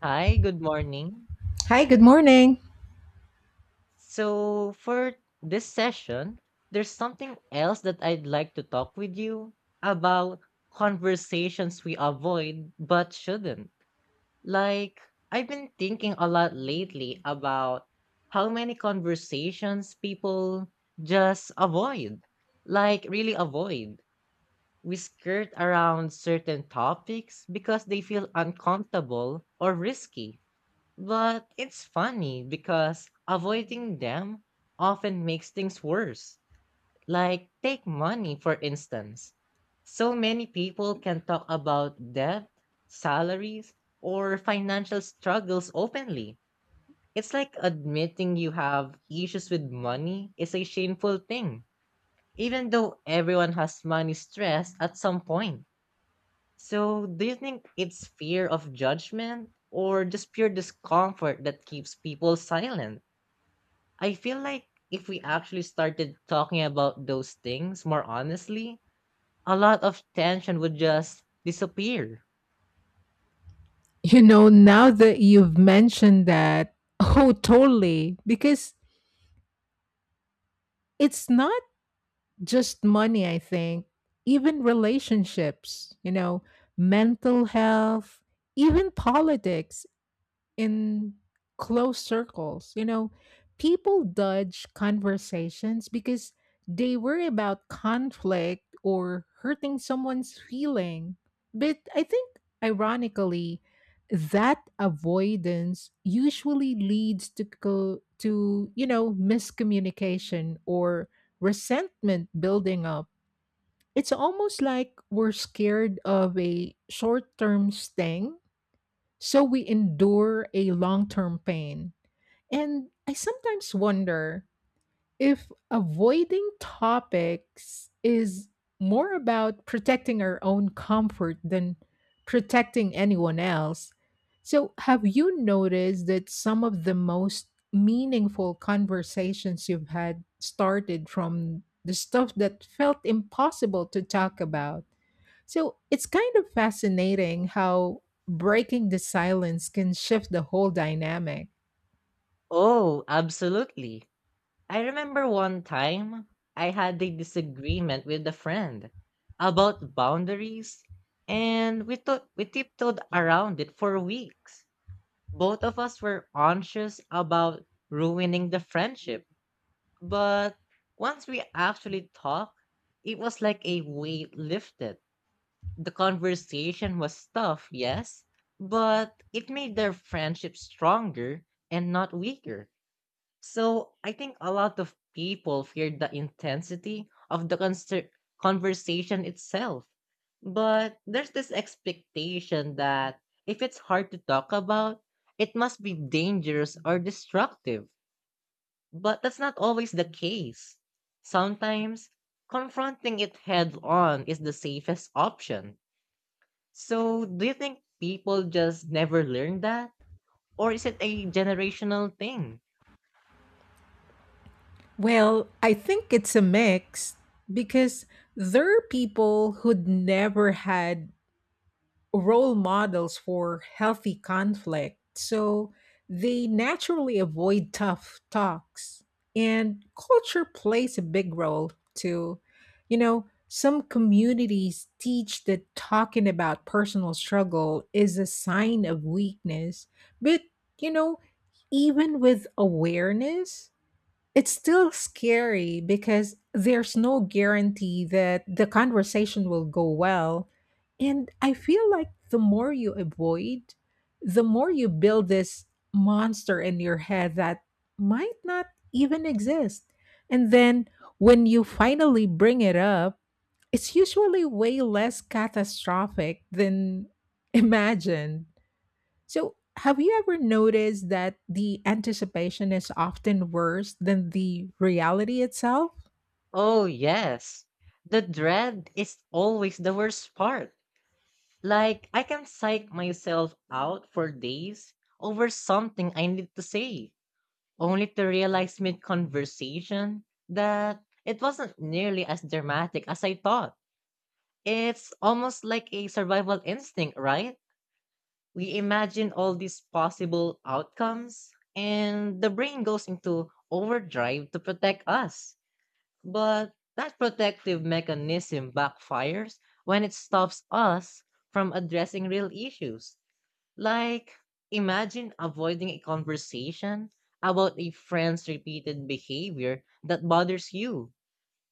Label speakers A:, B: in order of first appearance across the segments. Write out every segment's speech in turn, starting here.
A: Hi, good morning.
B: Hi, good morning.
A: So, for this session, there's something else that I'd like to talk with you about conversations we avoid but shouldn't. Like, I've been thinking a lot lately about how many conversations people just avoid. Like, really avoid. We skirt around certain topics because they feel uncomfortable or risky. But it's funny because avoiding them often makes things worse. Like, take money, for instance. So many people can talk about debt, salaries, or financial struggles openly. It's like admitting you have issues with money is a shameful thing, even though everyone has money stress at some point. So, do you think it's fear of judgment or just pure discomfort that keeps people silent? I feel like if we actually started talking about those things more honestly, a lot of tension would just disappear.
B: You know, now that you've mentioned that, oh, totally, because it's not just money, I think, even relationships, you know, mental health, even politics． in close circles. You know, people dodge conversations because they worry about conflict or hurting someone's feeling. But I think, ironically, that avoidance usually leads to to miscommunication or resentment building up. It's almost like we're scared of a short-term sting so we endure a long term pain. And I sometimes wonder if avoiding topics is more about protecting our own comfort than protecting anyone else. So, have you noticed that some of the most meaningful conversations you've had started from the stuff that felt impossible to talk about? So it's kind of fascinating how breaking the silence can shift the whole dynamic.
A: Oh, absolutely. I remember one time I had a disagreement with a friend about boundaries, and we tiptoed around it for weeks. Both of us were anxious about ruining the friendship, but once we actually talked, it was like a weight lifted. The conversation was tough, yes, but it made their friendship stronger and not weaker. So I think a lot of people feared the intensity of the conversation itself. But there's this expectation that if it's hard to talk about, it must be dangerous or destructive. But that's not always the case. Sometimes confronting it head on is the safest option. So do you think people just never learn that? Or is it a generational thing?
B: Well, I think it's a mix because there are people who'd never had role models for healthy conflict, so they naturally avoid tough talks. And culture plays a big role too. You know, some communities teach that talking about personal struggle is a sign of weakness, but you know, even with awareness, it's still scary because there's no guarantee that the conversation will go well. And I feel like the more you avoid, the more you build this monster in your head that might not even exist. And then when you finally bring it up, it's usually way less catastrophic than imagined. So, have you ever noticed that the anticipation is often worse than the reality itself?
A: Oh, yes. The dread is always the worst part. Like, I can psych myself out for days over something I need to say, only to realize mid conversation that it wasn't nearly as dramatic as I thought. It's almost like a survival instinct, right? We imagine all these possible outcomes, and the brain goes into overdrive to protect us. But that protective mechanism backfires when it stops us from addressing real issues. Like, imagine avoiding a conversation about a friend's repeated behavior that bothers you.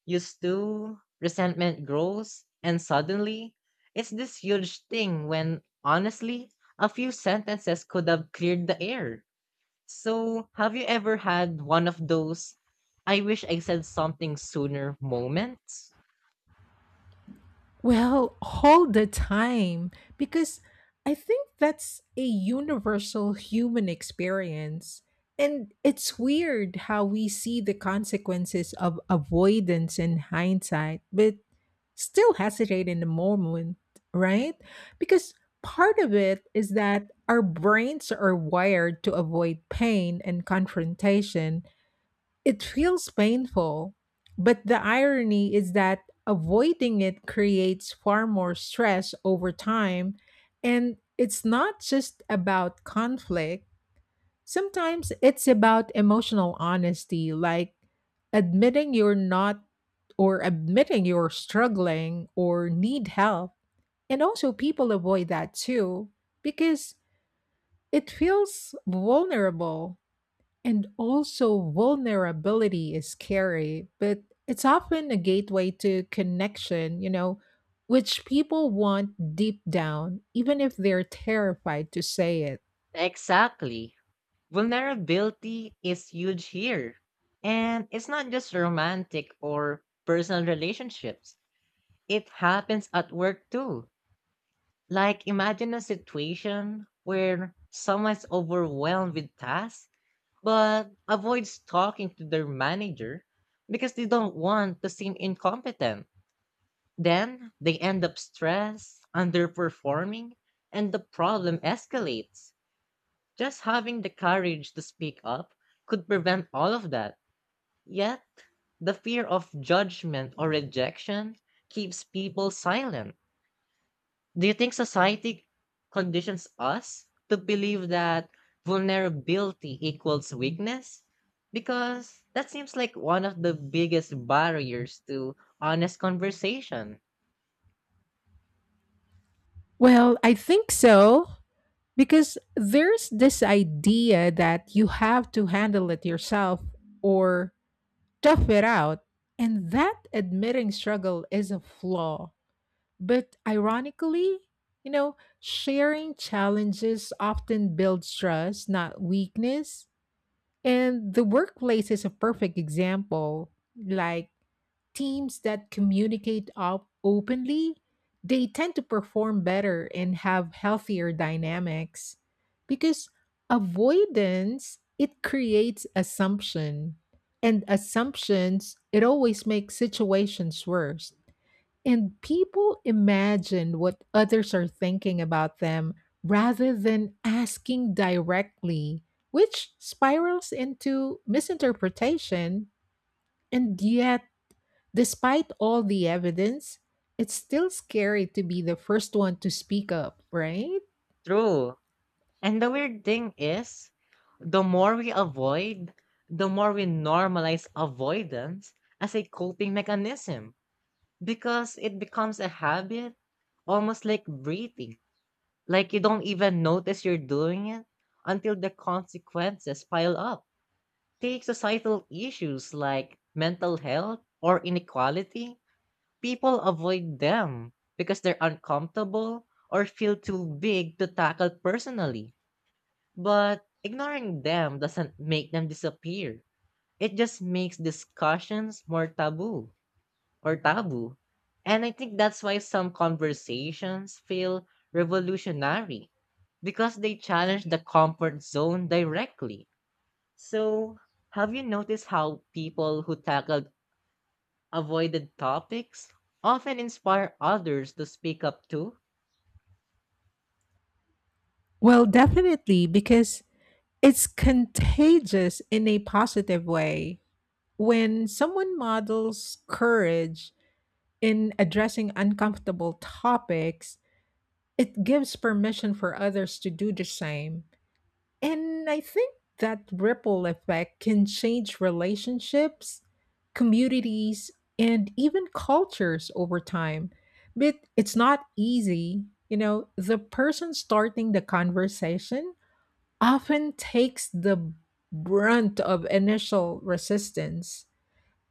A: You stew, resentment grows, and suddenly, it's this huge thing when, honestly, a few sentences could have cleared the air. So, have you ever had one of those I wish I said something sooner moments?
B: Well, all the time, because I think that's a universal human experience. And it's weird how we see the consequences of avoidance in hindsight, but still hesitate in the moment, right? Because part of it is that our brains are wired to avoid pain and confrontation. It feels painful, but the irony is that avoiding it creates far more stress over time. And it's not just about conflict. Sometimes it's about emotional honesty, like admitting you're not or admitting you're struggling or need help. And also, people avoid that too because it feels vulnerable. And also, vulnerability is scary, but it's often a gateway to connection, you know, which people want deep down, even if they're terrified to say it.
A: Exactly. Vulnerability is huge here. And it's not just romantic or personal relationships, it happens at work too. Like, imagine a situation where someone's overwhelmed with tasks but avoids talking to their manager because they don't want to seem incompetent. Then they end up stressed, underperforming, and the problem escalates. Just having the courage to speak up could prevent all of that. Yet, the fear of judgment or rejection keeps people silent. Do you think society conditions us to believe that vulnerability equals weakness? Because that seems like one of the biggest barriers to honest conversation.
B: Well, I think so because there's this idea that you have to handle it yourself or tough it out. And that admitting struggle is a flaw. But ironically, you know, sharing challenges often builds trust, not weakness. And the workplace is a perfect example. Like teams that communicate openly, they tend to perform better and have healthier dynamics because avoidance it creates assumption and assumptions it always makes situations worse and people imagine what others are thinking about them rather than asking directly, which spirals into misinterpretation. And yet, despite all the evidence, it's still scary to be the first one to speak up, right?
A: True. And the weird thing is, the more we avoid, the more we normalize avoidance as a coping mechanism because it becomes a habit, almost like breathing. Like you don't even notice you're doing it until the consequences pile up. Take societal issues like mental health or inequality, people avoid them because they're uncomfortable or feel too big to tackle personally, but ignoring them doesn't make them disappear. It just makes discussions more taboo or taboo. And I think that's why some conversations feel revolutionary because they challenge the comfort zone directly. So, have you noticed how people who tackled avoided topics often inspire others to speak up too?
B: Well, definitely, because it's contagious in a positive way. When someone models courage in addressing uncomfortable topics, it gives permission for others to do the same. And I think that ripple effect can change relationships, communities, and even cultures over time. But it's not easy. You know, the person starting the conversation often takes the brunt of initial resistance.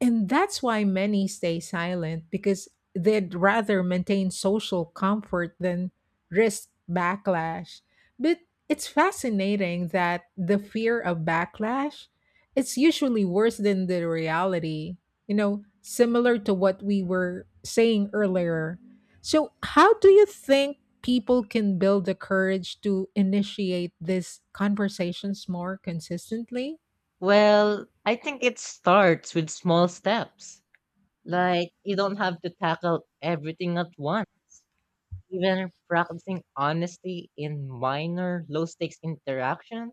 B: And that's why many stay silent because they'd rather maintain social comfort than risk backlash. But it's fascinating that the fear of backlash it's usually worse than the reality. You know, similar to what we were saying earlier. So, how do you think people can build the courage to initiate these conversations more consistently?
A: Well, I think it starts with small steps. Like, you don't have to tackle everything at once. Even practicing honesty in minor, low stakes interactions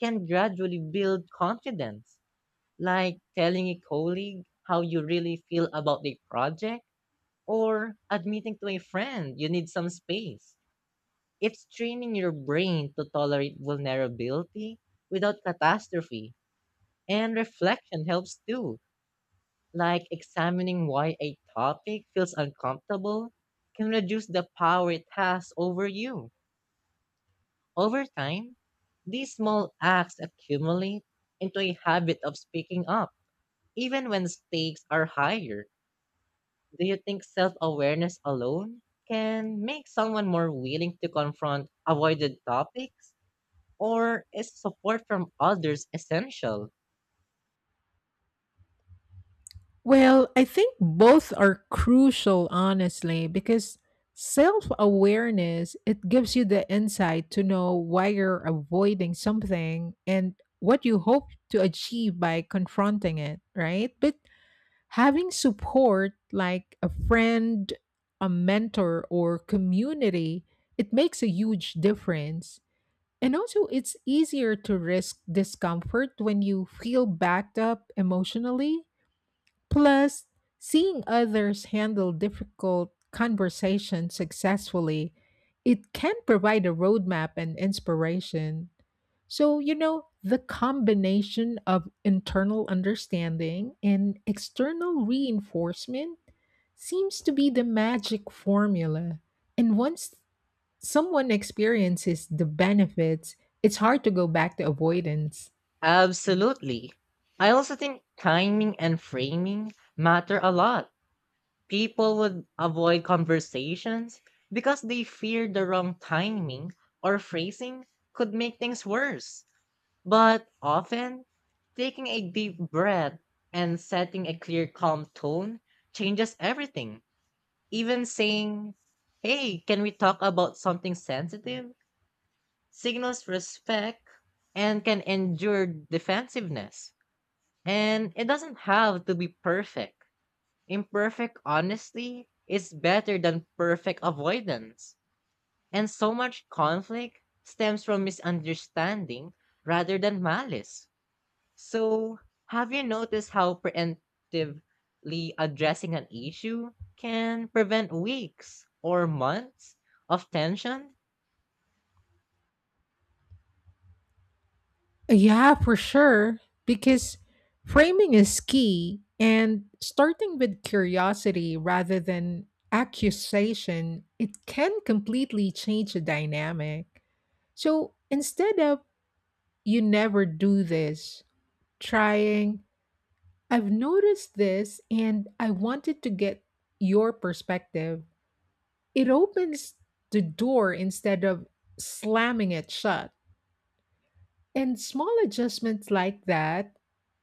A: can gradually build confidence. Like telling a colleague how you really feel about the project or admitting to a friend you need some space. It's training your brain to tolerate vulnerability without catastrophe, and reflection helps too, like examining why a topic feels uncomfortable can reduce the power it has over you. Over time, these small acts accumulate into a habit of speaking up, even when stakes are higher. Do you think self awareness alone can make someone more willing to confront avoided topics? Or is support from others essential?
B: Well, I think both are crucial, honestly, because self awareness it gives you the insight to know why you're avoiding something and what you hope to achieve by confronting it, right? But having support like a friend, a mentor, or community, it makes a huge difference. And also, it's easier to risk discomfort when you feel backed up emotionally. Plus, seeing others handle difficult conversations successfully, it can provide a roadmap and inspiration. So, you know, the combination of internal understanding and external reinforcement seems to be the magic formula. And once someone experiences the benefits, it's hard to go back to avoidance.
A: Absolutely. I also think timing and framing matter a lot. People would avoid conversations because they feared the wrong timing or phrasing could make things worse. But often, taking a deep breath and setting a clear, calm tone changes everything. Even saying, "Hey, can we talk about something sensitive?" signals respect and can endure defensiveness. And it doesn't have to be perfect. Imperfect honesty is better than perfect avoidance. And so much conflict stems from misunderstanding rather than malice. So, have you noticed how preemptively addressing an issue can prevent weeks or months of tension?
B: Yeah, for sure. Because framing is key and starting with curiosity rather than accusation, it can completely change the dynamic. So instead of you never do this, trying, I've noticed this and I wanted to get your perspective, it opens the door instead of slamming it shut. And small adjustments like that,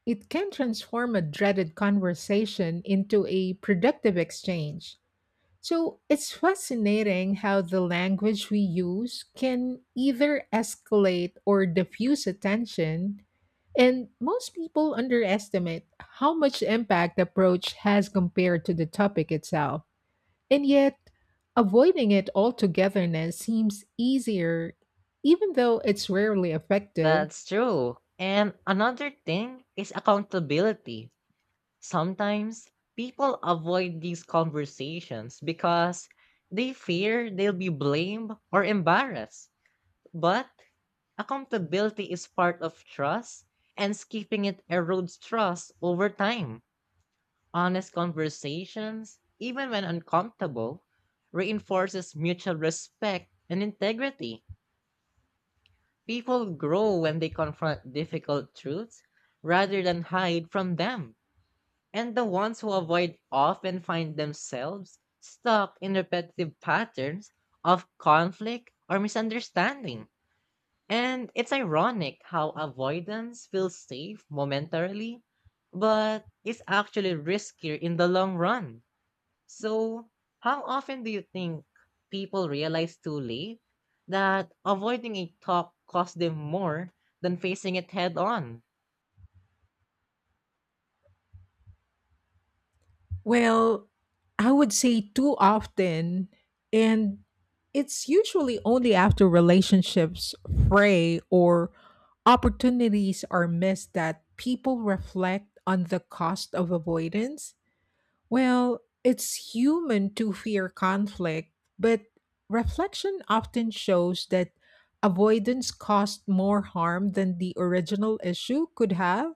B: it can transform a dreaded conversation into a productive exchange. So it's fascinating how the language we use can either escalate or diffuse attention. And most people underestimate how much impact the approach has compared to the topic itself. And yet, avoiding it altogether now seems easier, even though it's rarely effective.
A: That's true. And another thing is accountability. Sometimes people avoid these conversations because they fear they'll be blamed or embarrassed. But accountability is part of trust, and skipping it erodes trust over time. Honest conversations, even when uncomfortable, reinforces mutual respect and integrity. People grow when they confront difficult truths rather than hide from them. And the ones who avoid often find themselves stuck in repetitive patterns of conflict or misunderstanding. And it's ironic how avoidance feels safe momentarily, but is actually riskier in the long run. So, how often do you think people realize too late that avoiding a talk costs them more than facing it head on?
B: Well, I would say too often, and it's usually only after relationships fray or opportunities are missed that people reflect on the cost of avoidance. Well, it's human to fear conflict, but reflection often shows that avoidance caused more harm than the original issue could have.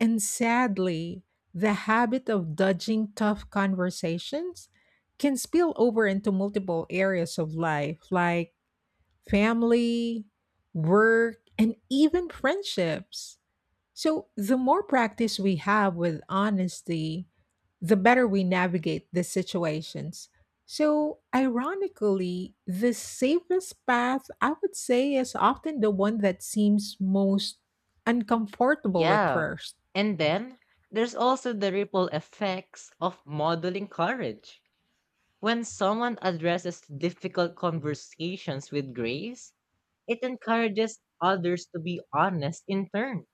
B: And sadly, the habit of dodging tough conversations can spill over into multiple areas of life, like family, work, and even friendships. So, the more practice we have with honesty, the better we navigate the situations. So, ironically, the safest path, I would say, is often the one that seems most uncomfortable at
A: Yeah.
B: first.
A: And then there's also the ripple effects of modeling courage. When someone addresses difficult conversations with grace, it encourages others to be honest in turn.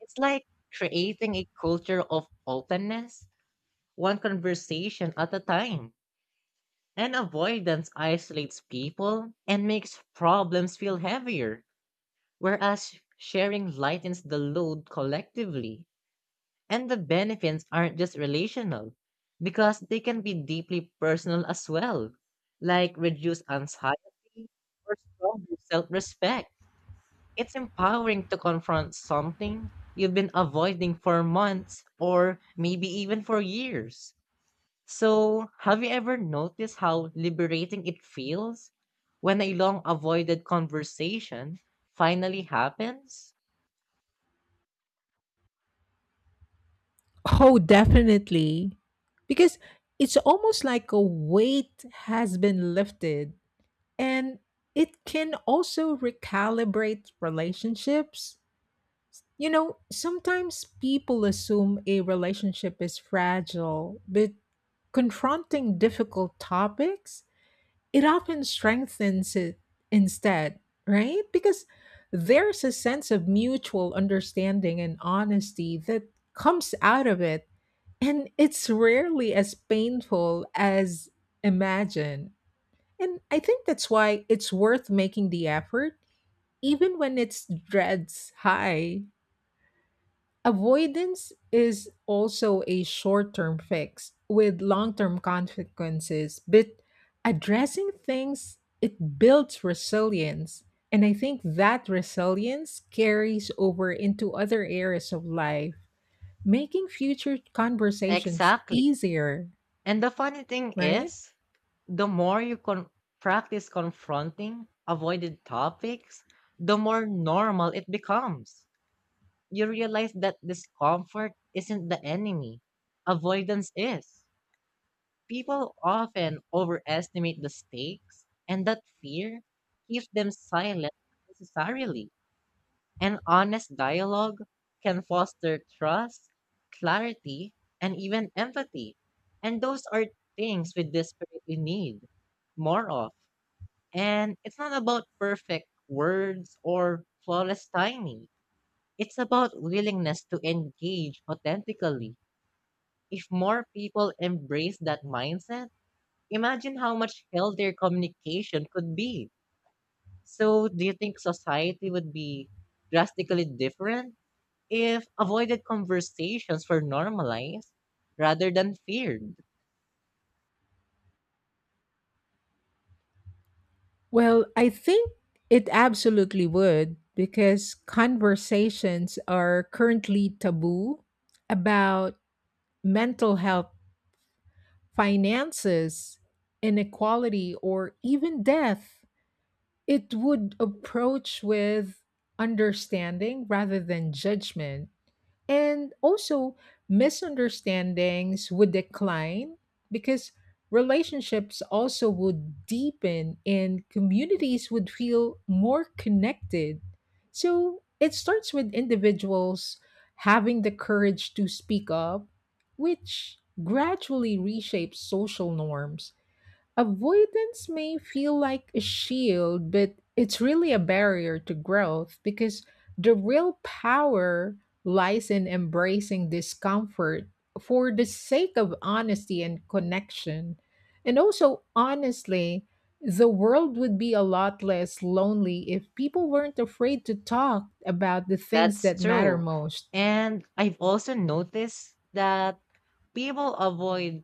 A: It's like creating a culture of openness, one conversation at a time. And avoidance isolates people and makes problems feel heavier, whereas sharing lightens the load collectively. And the benefits aren't just relational, because they can be deeply personal as well, like reduced anxiety or stronger self respect. It's empowering to confront something you've been avoiding for months or maybe even for years. So, have you ever noticed how liberating it feels when a long avoided conversation finally happens?
B: Oh, definitely. Because it's almost like a weight has been lifted and it can also recalibrate relationships. You know, sometimes people assume a relationship is fragile, but confronting difficult topics, it often strengthens it instead, right? Because there's a sense of mutual understanding and honesty that comes out of it and it's rarely as painful as imagined. And I think that's why it's worth making the effort, even when it's dreads high. Avoidance is also a short term fix with long term consequences, but addressing things, it builds resilience. And I think that resilience carries over into other areas of life, making future conversations
A: Exactly.
B: easier.
A: And the funny thing
B: Right?
A: is, the more you practice confronting avoided topics, the more normal it becomes. You realize that discomfort isn't the enemy, avoidance is. People often overestimate the stakes, and that fear keeps them silent unnecessarily. An honest dialogue can foster trust, clarity, and even empathy. And those are things we desperately need more of. And it's not about perfect words or flawless timing. It's about willingness to engage authentically. If more people embrace that mindset, imagine how much healthier communication could be. So, do you think society would be drastically different if avoided conversations were normalized rather than feared?
B: Well, I think it absolutely would because conversations are currently taboo about mental health, finances, inequality, or even death. It would approach with understanding rather than judgment. And also, misunderstandings would decline because relationships also would deepen and communities would feel more connected. So it starts with individuals having the courage to speak up, which gradually reshapes social norms. Avoidance may feel like a shield, but it's really a barrier to growth because the real power lies in embracing discomfort for the sake of honesty and connection. And also, honestly, the world would be a lot less lonely if people weren't afraid to talk about the things
A: That's
B: that matter
A: true.
B: most.
A: And I've also noticed that people avoid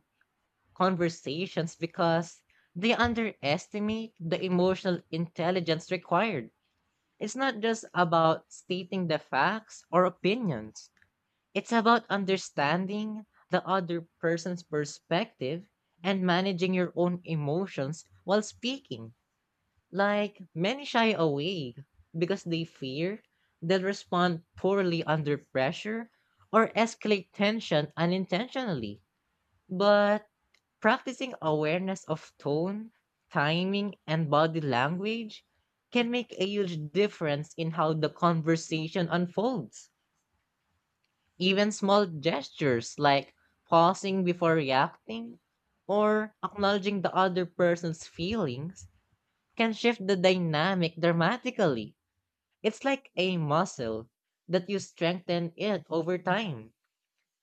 A: conversations because they underestimate the emotional intelligence required. It's not just about stating the facts or opinions, it's about understanding the other person's perspective and managing your own emotions while speaking. Like many shy away because they fear they'll respond poorly under pressure or escalate tension unintentionally. But practicing awareness of tone, timing, and body language can make a huge difference in how the conversation unfolds. Even small gestures like pausing before reacting or acknowledging the other person's feelings can shift the dynamic dramatically. It's like a muscle that you strengthen it over time.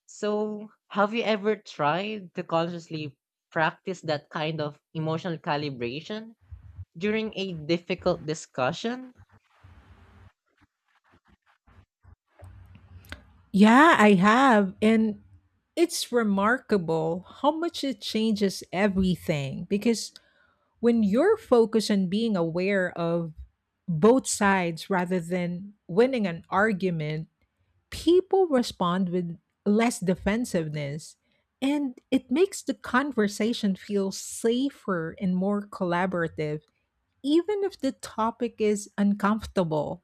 A: So, have you ever tried to consciously practice that kind of emotional calibration during a difficult discussion?
B: Yeah, I have. And it's remarkable how much it changes everything because when you're focused on being aware of both sides rather than winning an argument, people respond with less defensiveness. And it makes the conversation feel safer and more collaborative, even if the topic is uncomfortable.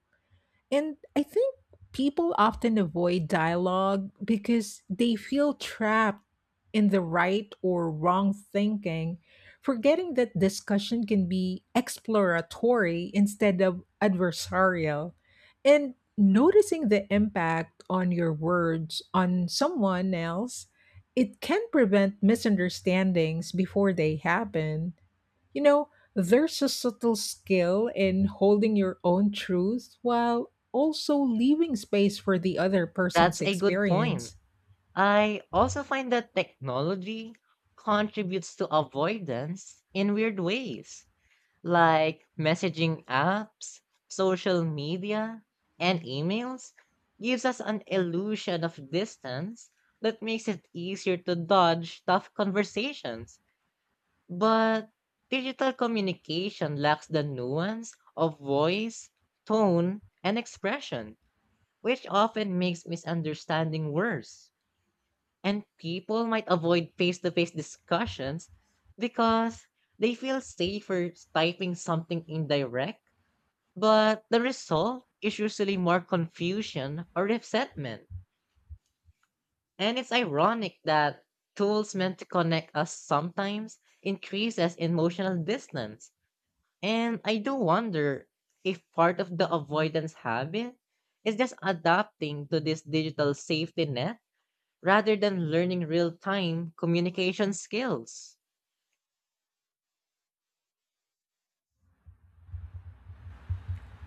B: And I think people often avoid dialogue because they feel trapped in the right or wrong thinking, forgetting that discussion can be exploratory instead of adversarial. And noticing the impact on your words on someone else, it can prevent misunderstandings before they happen. You know, there's a subtle skill in holding your own truth while also leaving space for the other person's
A: That's a good point.
B: experience.
A: I also find that technology contributes to avoidance in weird ways, like messaging apps, social media, and emails gives us an illusion of distance that makes it easier to dodge tough conversations. But digital communication lacks the nuance of voice, tone, and expression, which often makes misunderstanding worse. And people might avoid face to face discussions because they feel safer typing something indirect, but the result is usually more confusion or resentment. And it's ironic that tools meant to connect us sometimes increases emotional distance. And I do wonder if part of the avoidance habit is just adapting to this digital safety net rather than learning real time communication skills.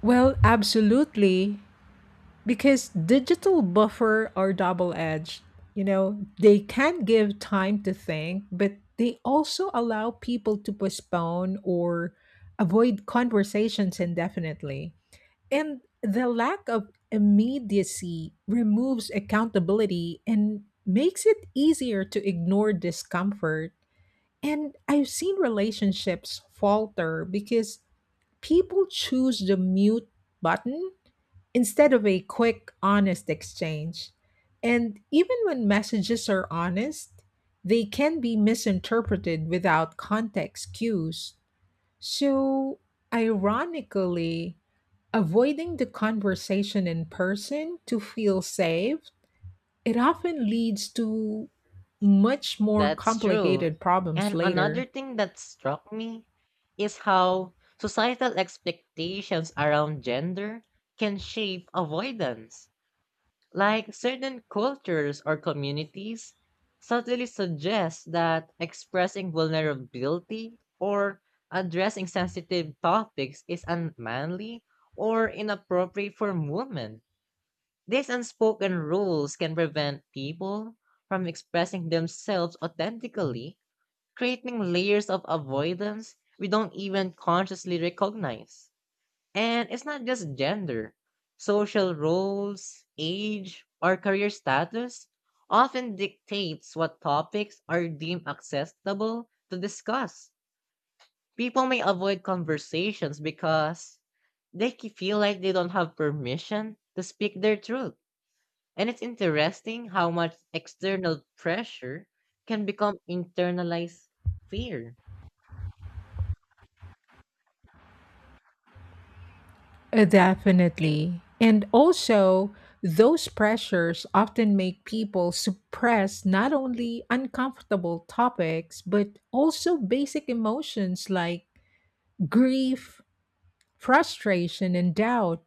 B: Well, absolutely. Because digital buffer are double edged, you know, they can give time to think but they also allow people to postpone or avoid conversations indefinitely. And the lack of immediacy removes accountability and makes it easier to ignore discomfort. And I've seen relationships falter because people choose the mute button instead of a quick, honest exchange. And even when messages are honest, they can be misinterpreted without context cues. So, ironically, avoiding the conversation in person to feel safe, it often leads to much more
A: That's true.
B: complicated problems
A: And another
B: later.
A: thing that struck me is how societal expectations around gender can shape avoidance. Like certain cultures or communities subtly suggest that expressing vulnerability or addressing sensitive topics is unmanly or inappropriate for women. These unspoken rules can prevent people from expressing themselves authentically, creating layers of avoidance we don't even consciously recognize. And it's not just gender. Social roles, age, or career status often dictates what topics are deemed acceptable to discuss. People may avoid conversations because they feel like they don't have permission to speak their truth. And it's interesting how much external pressure can become internalized fear.
B: Definitely. And also, those pressures often make people suppress not only uncomfortable topics, but also basic emotions like grief, frustration, and doubt.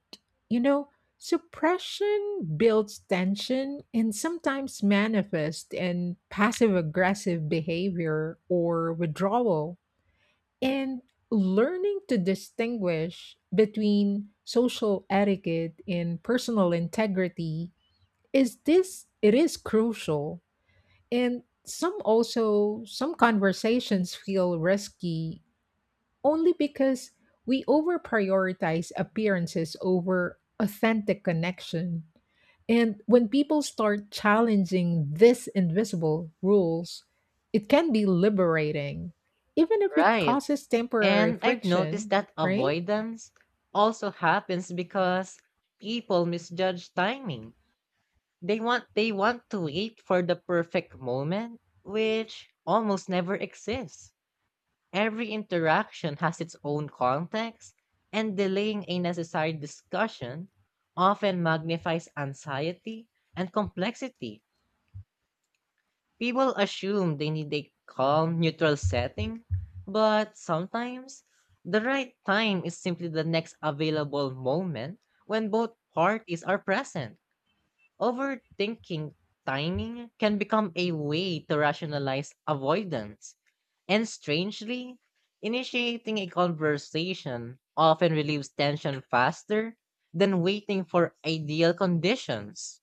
B: You know, suppression builds tension and sometimes manifests in passive aggressive behavior or withdrawal. And learning to distinguish between social etiquette and personal integrity is this it is crucial. And some conversations feel risky only because we over prioritize appearances over authentic connection. And when people start challenging these invisible rules, it can be liberating, even if it
A: Right.
B: causes temporary
A: And I've noticed
B: friction,
A: that
B: right?
A: avoidance also happens because people misjudge timing. They want to wait for the perfect moment, which almost never exists. Every interaction has its own context, and delaying a necessary discussion often magnifies anxiety and complexity. People assume they need a calm, neutral setting, but sometimes the right time is simply the next available moment when both parties are present. Overthinking timing can become a way to rationalize avoidance. And strangely, initiating a conversation often relieves tension faster than waiting for ideal conditions.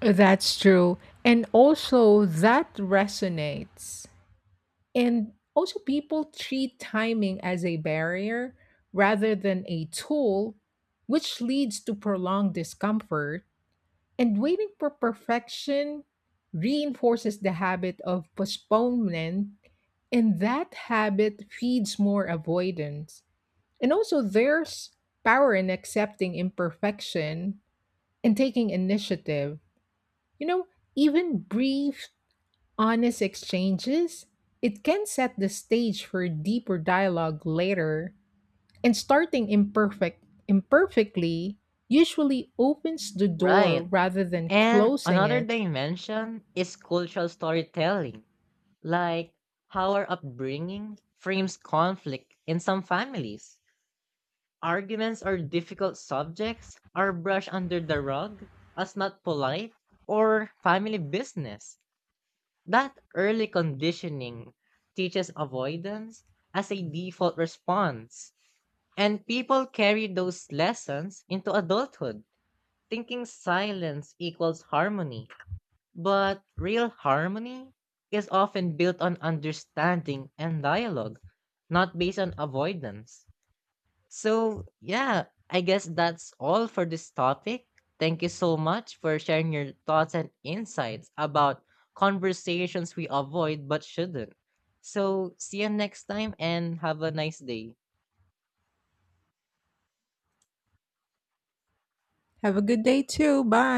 B: That's true. And also, that resonates. And also, people treat timing as a barrier rather than a tool, which leads to prolonged discomfort. And waiting for perfection reinforces the habit of postponement. And that habit feeds more avoidance. And also, there's power in accepting imperfection and taking initiative. You know, even brief, honest exchanges, it can set the stage for deeper dialogue later. And starting imperfectly usually opens the door
A: Right.
B: rather than
A: And
B: closing
A: another
B: it.
A: dimension is cultural storytelling, like how our upbringing frames conflict in some families. Arguments or difficult subjects are brushed under the rug as not polite or family business. That early conditioning teaches avoidance as a default response. And people carry those lessons into adulthood, thinking silence equals harmony. But real harmony is often built on understanding and dialogue, not based on avoidance. So, yeah, I guess that's all for this topic. Thank you so much for sharing your thoughts and insights about conversations we avoid but shouldn't. So, see you next time and have a nice day.
B: Have a good day too. Bye.